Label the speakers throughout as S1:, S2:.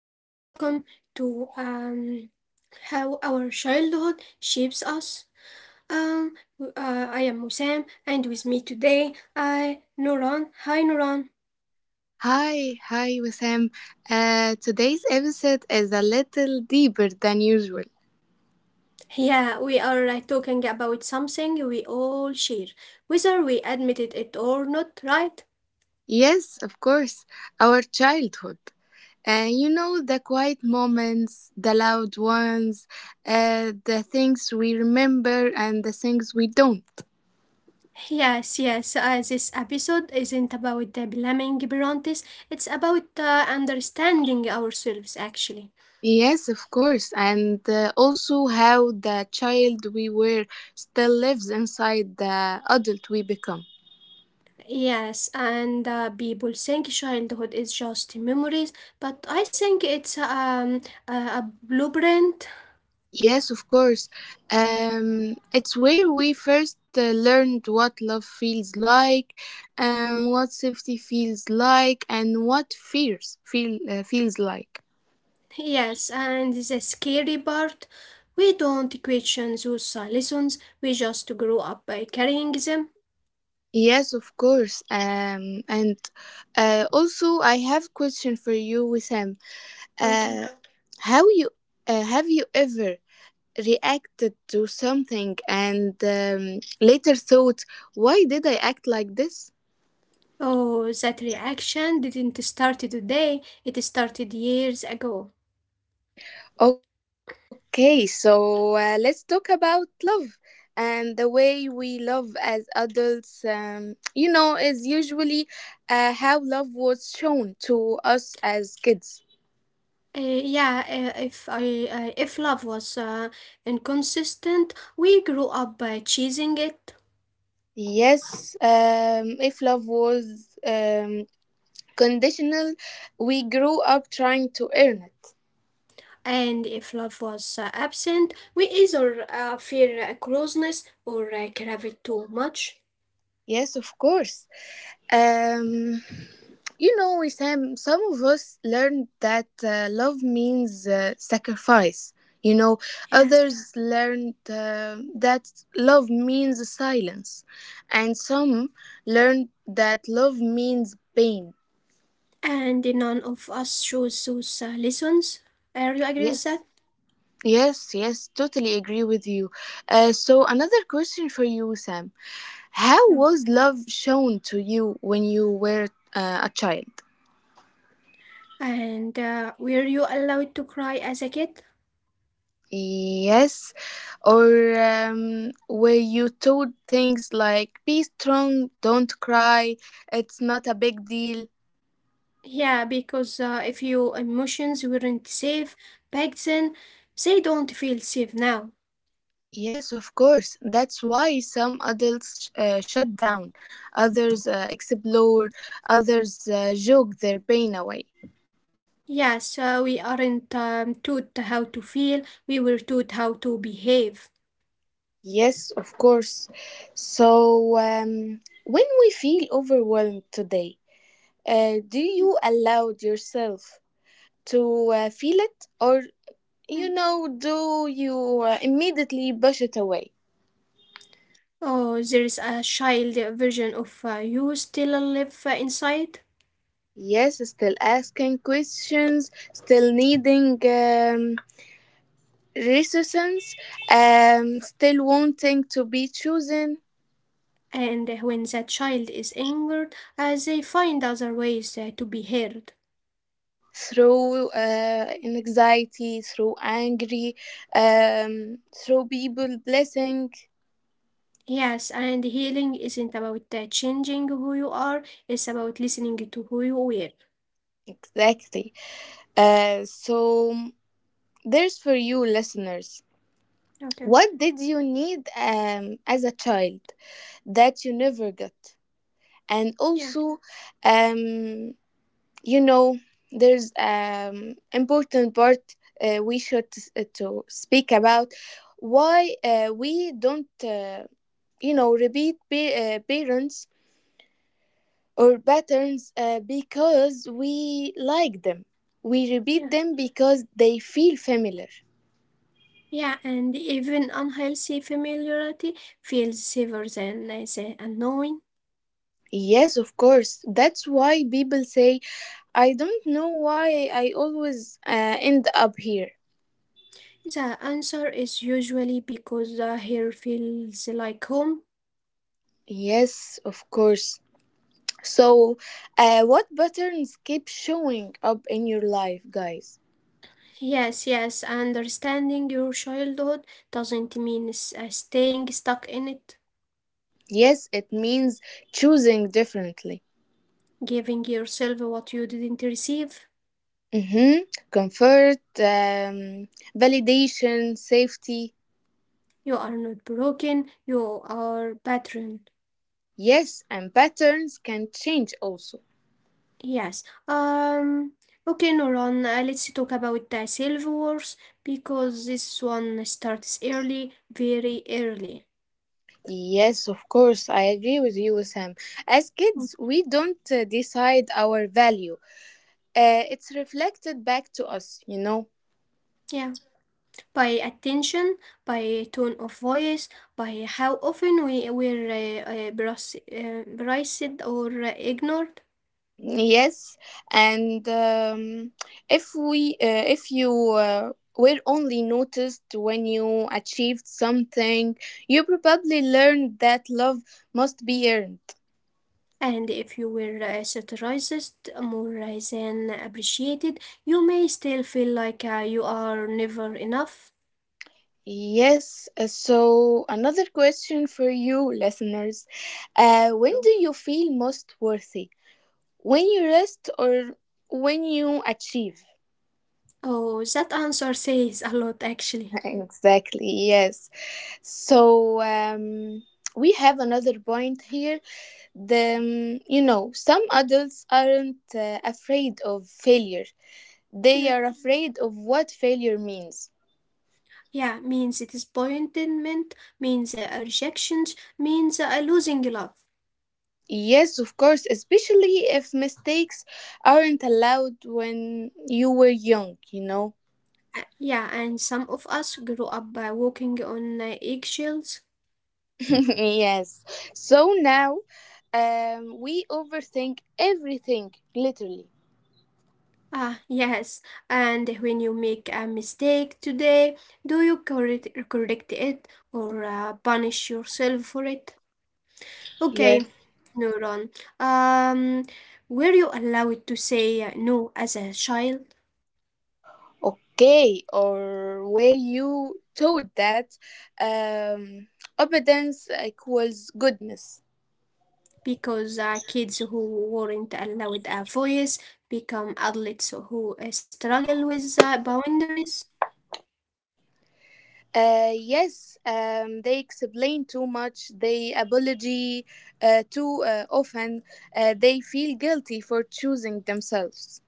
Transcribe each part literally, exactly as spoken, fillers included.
S1: and welcome to um, How Our Childhood Shapes Us. Um, w- uh, I am Musam, and with me today, I Nuran. Hi Nuran.
S2: Hi, hi, Wissam. Uh, today's episode is a little deeper than usual.
S1: Yeah, we are uh, talking about something we all share, whether we admitted it or not, right?
S2: Yes, of course, our childhood. Uh, you know, the quiet moments, the loud ones, uh, the things we remember and the things we don't.
S1: Yes, yes. Uh, this episode isn't about the blaming parents; it's about uh, understanding ourselves, actually.
S2: Yes, of course, and uh, also how the child we were still lives inside the adult we become.
S1: Yes, and uh, people think childhood is just memories, but I think it's um, a, a blueprint.
S2: Yes, of course. Um, it's where we first uh, learned what love feels like, um, what safety feels like, and what fears feel uh, feels like.
S1: Yes, and the scary part, we don't question those uh, lessons, we just grow up by carrying them.
S2: Yes, of course. Um, and uh, also I have question for you, Wissam. Uh,
S1: Okay.
S2: how you uh, Have you ever reacted to something and um, later thought, why did I act like this?
S1: Oh, that reaction didn't start today, it started years ago.
S2: Okay, so uh, let's talk about love and the way we love as adults. Um, you know, is usually uh, how love was shown to us as kids.
S1: Uh, yeah, uh, if I uh, if love was uh, inconsistent, we grew up by chasing it.
S2: Yes, um, if love was um, conditional, we grew up trying to earn it.
S1: And if love was uh, absent, we either uh, fear uh, closeness or uh, crave it too much.
S2: Yes, of course. Um, you know, Sam, some of us learned that uh, love means uh, sacrifice. You know,
S1: Yes.
S2: Others learned uh, that love means silence. And some learned that love means pain.
S1: And none of us chose those uh, lessons. Uh, do you agree with
S2: Yes.
S1: that?
S2: Yes, yes, totally agree with you. Uh, so, another question for you, Sam. How
S1: No.
S2: was love shown to you when you were uh, a child?
S1: And uh, were you allowed to cry as a kid?
S2: Yes, or um, were you told things like be strong, don't cry, it's not a big deal?
S1: Yeah, because uh, if your emotions weren't safe back then, they don't feel safe now.
S2: Yes, of course. That's why some adults uh, shut down, others uh, explore, others uh, joke their pain away.
S1: Yes, uh, we aren't um, taught how to feel, we were taught how to behave.
S2: Yes, of course. So, um, when we feel overwhelmed today, uh, do you allow yourself to uh, feel it, or You know, do you uh, immediately push it away?
S1: Oh, there is a child version of uh, you still live inside,
S2: Yes, still asking questions, still needing um, resistance, um, still wanting to be chosen
S1: and when that child is angered, uh, they find other ways uh, to be heard.
S2: through uh, anxiety, through angry, um, through people blessing.
S1: Yes, and healing isn't about uh, changing who you are, it's about listening to who you were.
S2: Exactly. Uh, so, there's for you, listeners.
S1: Okay,
S2: What did you need um, as a child that you never got? and
S1: yeah,
S2: also um you know there's um important part uh, we should, uh, to speak about why uh, we don't, uh, you know repeat pa- uh, parents or patterns, uh, because we like them we repeat
S1: yeah.
S2: them because they feel familiar.
S1: Yeah, and even unhealthy familiarity feels safer than uh, the unknowing.
S2: Yes, of course. That's why people say, I don't know why I always uh, end up here.
S1: The answer is usually because the hair feels like home.
S2: Yes, of course. So, uh, what patterns keep showing up in your life, guys?
S1: Yes, yes, understanding your childhood doesn't mean s- uh, staying stuck in it,
S2: Yes, it means choosing differently.
S1: giving yourself what you didn't receive.
S2: Mm-hmm. Comfort, um, validation, safety.
S1: You are not broken, you are pattern.
S2: Yes, and patterns can change also.
S1: Yes. Um okay, Noran, uh, let's talk about the self wars because this one starts early, very early.
S2: Yes, of course, I agree with you, Sam. As
S1: Mm,
S2: kids, we don't uh, decide our value. Uh, it's reflected back to us, you know.
S1: yeah. By attention, by tone of voice, by how often we were uh, uh, bras- uh, braced or uh, ignored.
S2: Yes, and um, if we, uh, if you uh, were only noticed when you achieved something, you probably learned that love must be earned.
S1: And if you were uh, satirized more uh, than appreciated, you may still feel like uh, you are never enough.
S2: Yes, uh, so another question for you, listeners. Uh, when
S1: Oh.
S2: do you feel most worthy? When you rest or when you achieve?
S1: Oh, that answer says a lot actually.
S2: Exactly, yes. So um, we have another point here. The, um, you know, some adults aren't uh, afraid of failure, they are
S1: No.
S2: afraid of what failure means.
S1: Yeah, means disappointment, means uh, rejections, means uh, losing love.
S2: Yes, of course, especially if mistakes aren't allowed when you were young, you know?
S1: Uh, yeah, and some of us grew up by walking on uh, eggshells.
S2: Yes. So now um, we overthink everything, literally.
S1: Ah, yes. And when you make a mistake today, do you correct, correct it or uh, punish yourself for it?
S2: Yes.
S1: Okay, Neuron. Um, were you allowed to say uh, no as a child?
S2: Okay, or were you taught that um, obedience equals goodness?
S1: Because uh, kids who weren't allowed a voice become adults who uh, struggle with uh, boundaries.
S2: Uh, yes, um, they explain too much. They apologize uh, too uh, often. Uh, they feel guilty for choosing themselves.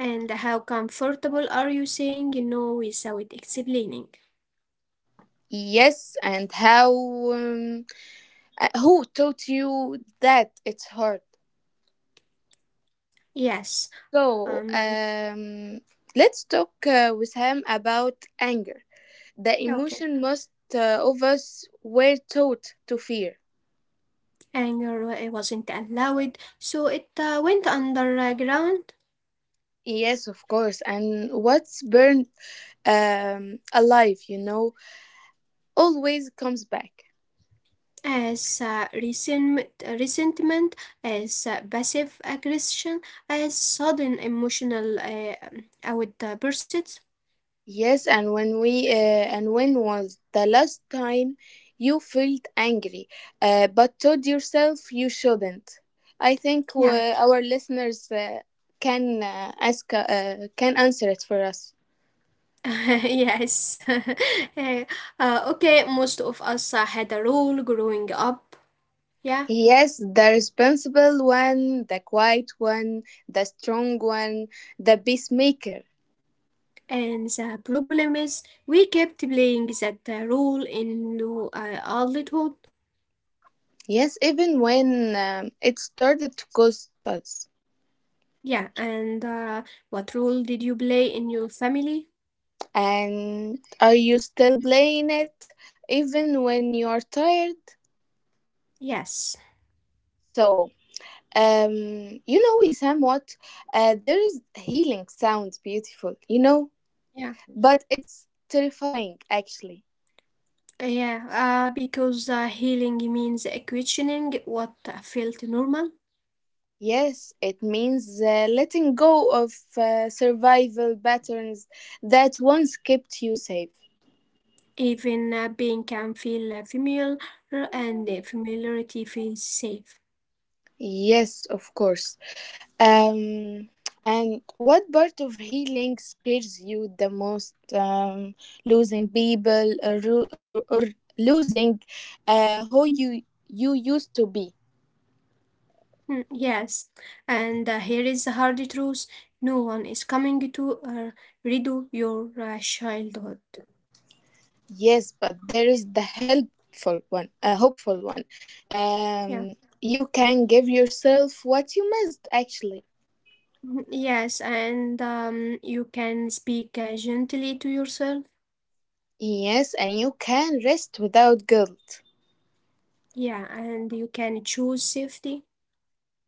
S1: And how comfortable are you saying no without explaining?
S2: Yes, and how? Um, uh, who taught you that it's hard?
S1: Yes.
S2: So,
S1: Um.
S2: um, let's talk uh, with him about anger. The
S1: Okay.
S2: emotion most uh, of us were taught to fear.
S1: Anger wa- wasn't allowed, so it uh, went underground
S2: Yes, of course. And what's burned um, alive, you know, always comes back.
S1: as uh, resentment, resentment, as uh, passive aggression, as sudden emotional uh, um, outbursts.
S2: Yes, and when we uh, and when was the last time you felt angry, uh, but told yourself you shouldn't? I think uh,
S1: Yeah.
S2: our listeners uh, can uh, ask uh, can answer it for us.
S1: Yes. Uh, uh, okay. Most of us uh, had a role growing up. Yeah.
S2: Yes, the responsible one, the quiet one, the strong one, the peacemaker.
S1: And the problem is, we kept playing that uh, role in lo- uh, adulthood.
S2: Yes, even when um, it started to cost us.
S1: Yeah, and uh, what role did you play in your family?
S2: And are you still playing it, even when you are tired?
S1: Yes.
S2: So, um, you know, Wissam, what? Uh, there's healing sounds beautiful, you know,
S1: Yeah.
S2: but it's terrifying actually.
S1: Yeah, uh, because uh, healing means questioning what felt normal.
S2: Yes, it means uh, letting go of uh, survival patterns that once kept you safe.
S1: Even uh, pain can feel uh, familiar, and uh, familiarity feels safe.
S2: Yes, of course. Um, and what part of healing scares you the most? Um, losing people, or, ru- or, or losing uh, who you you used to be.
S1: Mm, yes, and uh, here is the hard truth: no one is coming to uh, redo your uh, childhood.
S2: Yes, but there is the helpful one, a hopeful one.
S1: Yeah.
S2: Um, you can give yourself what you missed actually.
S1: Mhm. Yes, and um, you can speak uh, gently to yourself.
S2: Yes, and you can rest without guilt.
S1: Yeah, and you can choose safety.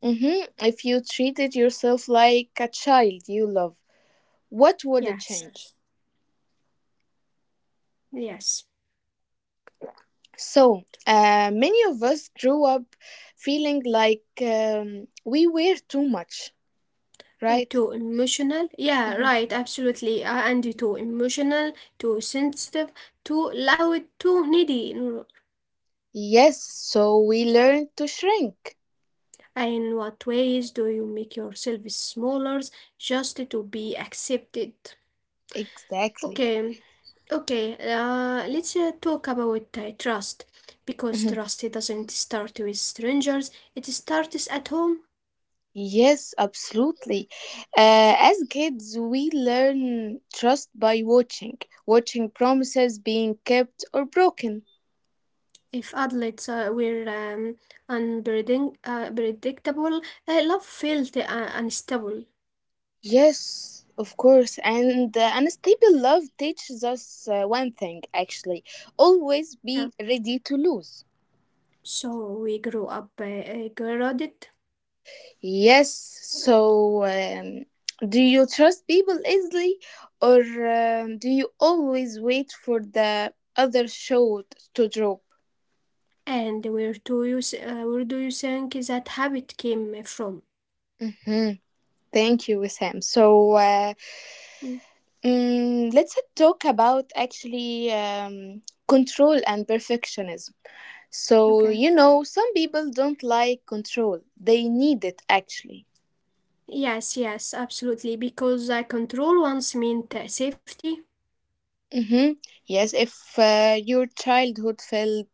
S2: Mhm. If you treated yourself like a child you love, what would it
S1: Yes,
S2: change?
S1: yes.
S2: So, uh, many of us grew up feeling like um, we were too much,
S1: Uh,
S2: right?
S1: too emotional. Yeah, right, absolutely. Uh, and too emotional, too sensitive, too loud, too needy. No, no.
S2: Yes, so we learned to shrink.
S1: In what ways do you make yourself smaller just to be accepted?
S2: Exactly.
S1: Okay, okay. Uh, let's uh, talk about uh, trust because
S2: Mhm.
S1: trust it doesn't start with strangers. It starts at home.
S2: Yes, absolutely. Uh, as kids, we learn trust by watching, watching promises being kept or broken.
S1: If adults uh, were um, unpredictable, uh, predictable, uh, love felt uh, unstable.
S2: Yes, of course. And uh, unstable love teaches us uh, one thing, actually, always
S1: Yeah.
S2: be ready to lose.
S1: So we grew up uh, uh, guarded,
S2: Yes, so um, do you trust people easily, or um, do you always wait for the other shoe to drop?
S1: and where do you s- uh, where do you think that habit came from?
S2: Hmm. Thank you, Wissam. So, uh,
S1: Mm,
S2: mm, let's talk about, actually, um, control and perfectionism.
S1: okay.
S2: So, you know, some people don't like control. They need it actually.
S1: Yes, yes, absolutely. Because uh, control once meant uh, safety.
S2: Mm-hmm. Yes, if uh, your childhood felt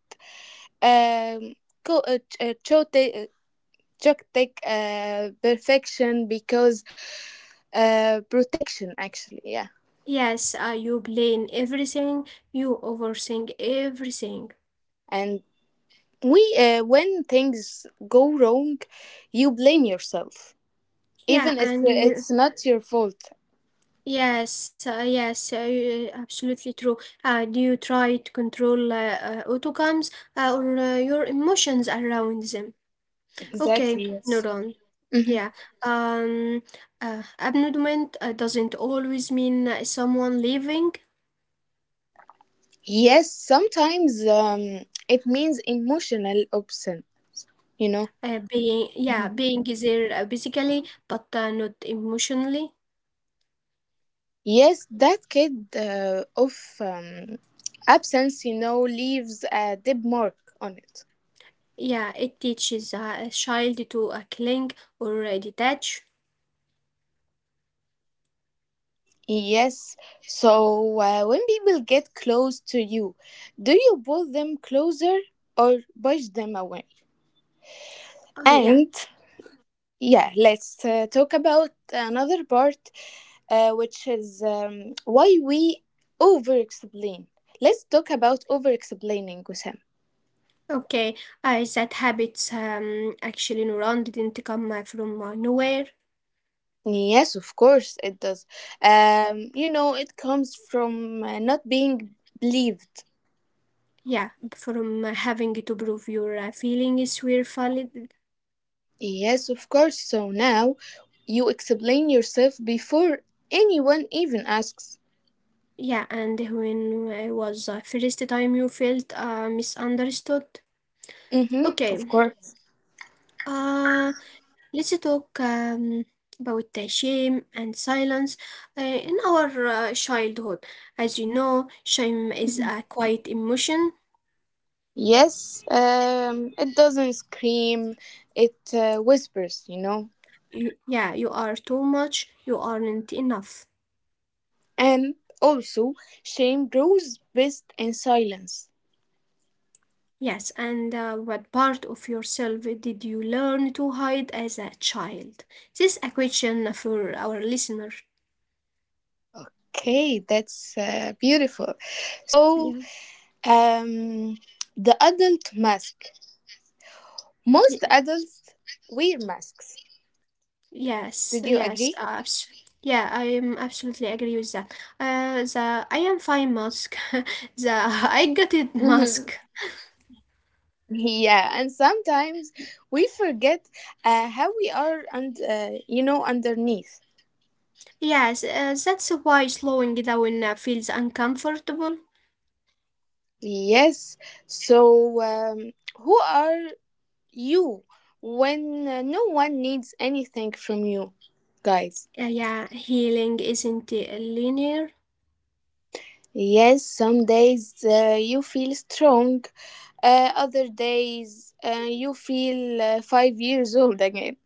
S2: um, co- uh, ch- uh, chote- uh, chotic, uh, perfection because uh, protection actually, yeah.
S1: Yes, uh, you blame everything, you overthink everything.
S2: And we, uh, when things go wrong, you blame yourself, even
S1: Yeah,
S2: if uh,
S1: and
S2: it's
S1: you,
S2: not your fault.
S1: yes, uh, yes, uh, you- absolutely true. Uh, do you try to control uh, uh, outcomes uh, or uh, your emotions around them?
S2: Exactly.
S1: Okay,
S2: Yes.
S1: neuron.
S2: Mm-hmm.
S1: Yeah. Um, uh, Abandonment uh, doesn't always mean uh, someone leaving,
S2: Yes, sometimes um, it means emotional absence, you know.
S1: uh, being, yeah, being there uh, physically, but uh, not emotionally.
S2: Yes, that kid uh, of um, absence, you know, leaves a deep mark on it.
S1: Yeah, it teaches uh, a child to uh, cling or uh, detach.
S2: Yes, so uh, when people get close to you, do you pull them closer or push them away?
S1: Uh, yeah,
S2: And yeah, let's uh, talk about another part, uh, which is um, why we over explain. Let's talk about over explaining, Wissam.
S1: okay. Uh, that habits um, actually neuron didn't come uh, from uh, nowhere.
S2: Yes, of course it does. Um, you know, it comes from uh, not being believed.
S1: Yeah, from uh, having to prove your uh, feelings were valid.
S2: Yes, of course. So now you explain yourself before anyone even asks.
S1: Yeah, and when I was uh, first time you felt uh, misunderstood.
S2: Mm-hmm,
S1: Okay.
S2: of course.
S1: Uh, Let's talk um, about the shame and silence uh, in our uh, childhood. As you know, shame is
S2: Mhm.
S1: a quiet emotion.
S2: Yes, um, it doesn't scream, it uh, whispers, you know.
S1: You, yeah, you are too much, you aren't enough.
S2: And also, shame grows best in silence.
S1: Yes, and uh, what part of yourself did you learn to hide as a child? This is a question for our listener.
S2: Okay, that's uh, beautiful. So,
S1: Yeah.
S2: um, the adult mask. Most adults wear masks.
S1: Yes,
S2: Did you
S1: yes, uh,
S2: agree?
S1: abs yeah, I am absolutely agree with that. Uh, the I am fine mask, the I got it mask.
S2: Hmm. Yeah, and sometimes we forget uh, how we are, and uh, you know, underneath.
S1: Yes, uh, that's why slowing down uh, feels uncomfortable.
S2: Yes. So, um, who are you when uh, no one needs anything from you, guys?
S1: Uh, yeah, healing isn't uh, linear.
S2: Yes, some days uh, you feel strong, uh, other days uh, you feel uh, five years old again.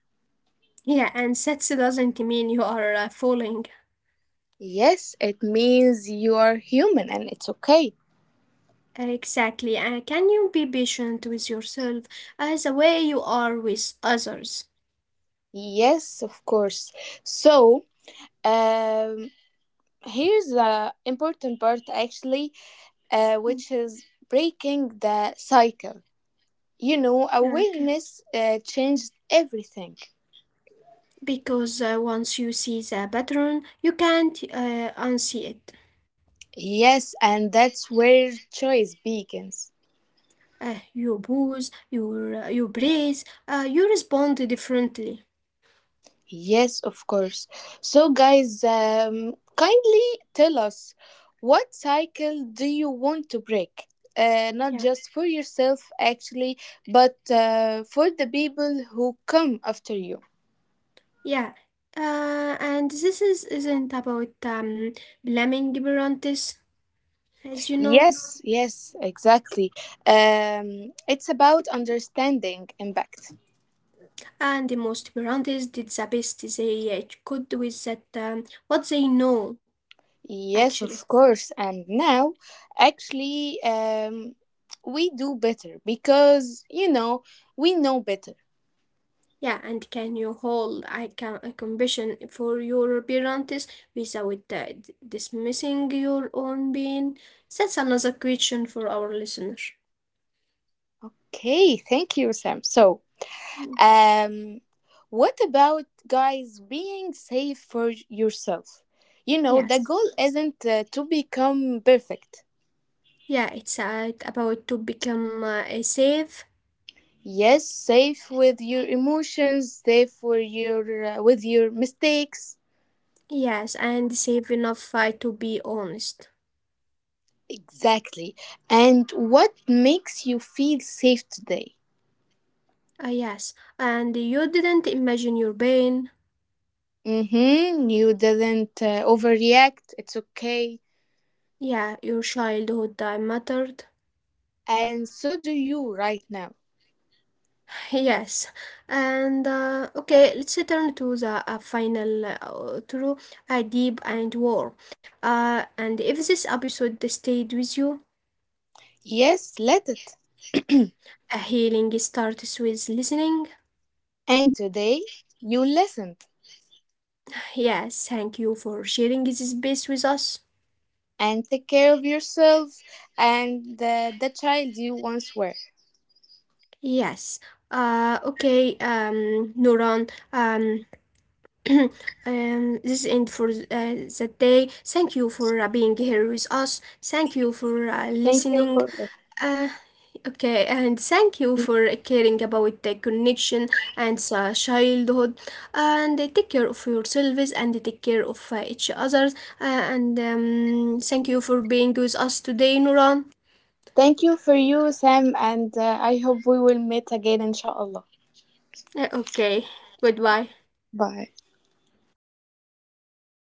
S1: Yeah, and that doesn't mean you are uh, falling.
S2: Yes, it means you are human and it's okay.
S1: Exactly. Uh, can you be patient with yourself as the way you are with others?
S2: Yes, of course. So, um, here's the important part, actually, uh,
S1: Mm,
S2: which is breaking the cycle. You know,
S1: okay.
S2: awareness uh, changed everything.
S1: Because uh, once you see the pattern, you can't uh, unsee it.
S2: Yes, and that's where choice begins.
S1: Uh, you pause, you, uh, you brace, uh, you respond differently.
S2: Yes, of course. So, guys, um, kindly tell us, what cycle do you want to break? Uh, not
S1: Yeah,
S2: just for yourself, actually, but uh, for the people who come after you.
S1: yeah. Uh, and this is, isn't about um, blaming Berantes, as you know.
S2: Yes, yes, exactly. Um, it's about understanding impact.
S1: And the most Berantes did the best they uh, could with that, um, what they know,
S2: Yes,
S1: actually.
S2: of course. And now, actually, um, we do better because, you know, we know better.
S1: Yeah, and can you hold a, com- a compassion for your parents without uh, d- dismissing your own pain? That's another question for our listener.
S2: Okay, thank you, Sam. So,
S1: Mm,
S2: um, what about, guys, being safe for yourself? You know, the
S1: yes.
S2: goal isn't uh, to become perfect.
S1: Yeah, it's uh, about to become uh, a safe.
S2: Yes, safe with your emotions, safe for your uh, with your mistakes.
S1: Yes, and safe enough uh, to be honest.
S2: Exactly. And what makes you feel safe today?
S1: Uh, yes, and you didn't imagine your pain.
S2: Mm-hmm. You didn't uh, overreact. It's okay.
S1: Yeah, your childhood uh, mattered.
S2: And so do you right now.
S1: Yes, and uh, okay, let's turn to the uh, final uh, through a deep and war. Uh, and if this episode stayed with you,
S2: Yes, let it.
S1: a healing starts with listening.
S2: And today, you listened,
S1: Yes, thank you for sharing this space with us.
S2: and take care of yourself and uh, the child you once were.
S1: Yes. Uh, okay, um, Nuran, um, um, this is end for uh, that day. Thank you for uh, being here with us. Thank you
S2: Thank
S1: for
S2: you
S1: uh,
S2: for listening.
S1: listening. Uh, okay, and thank you for caring about the connection and uh, childhood, and take care of yourselves and take care of uh, each others. Uh, and um, Thank you for being with us today, Nuran.
S2: Thank you for you, Sam, and uh, I hope we will meet again, inshallah.
S1: Uh, okay, goodbye.
S2: Bye.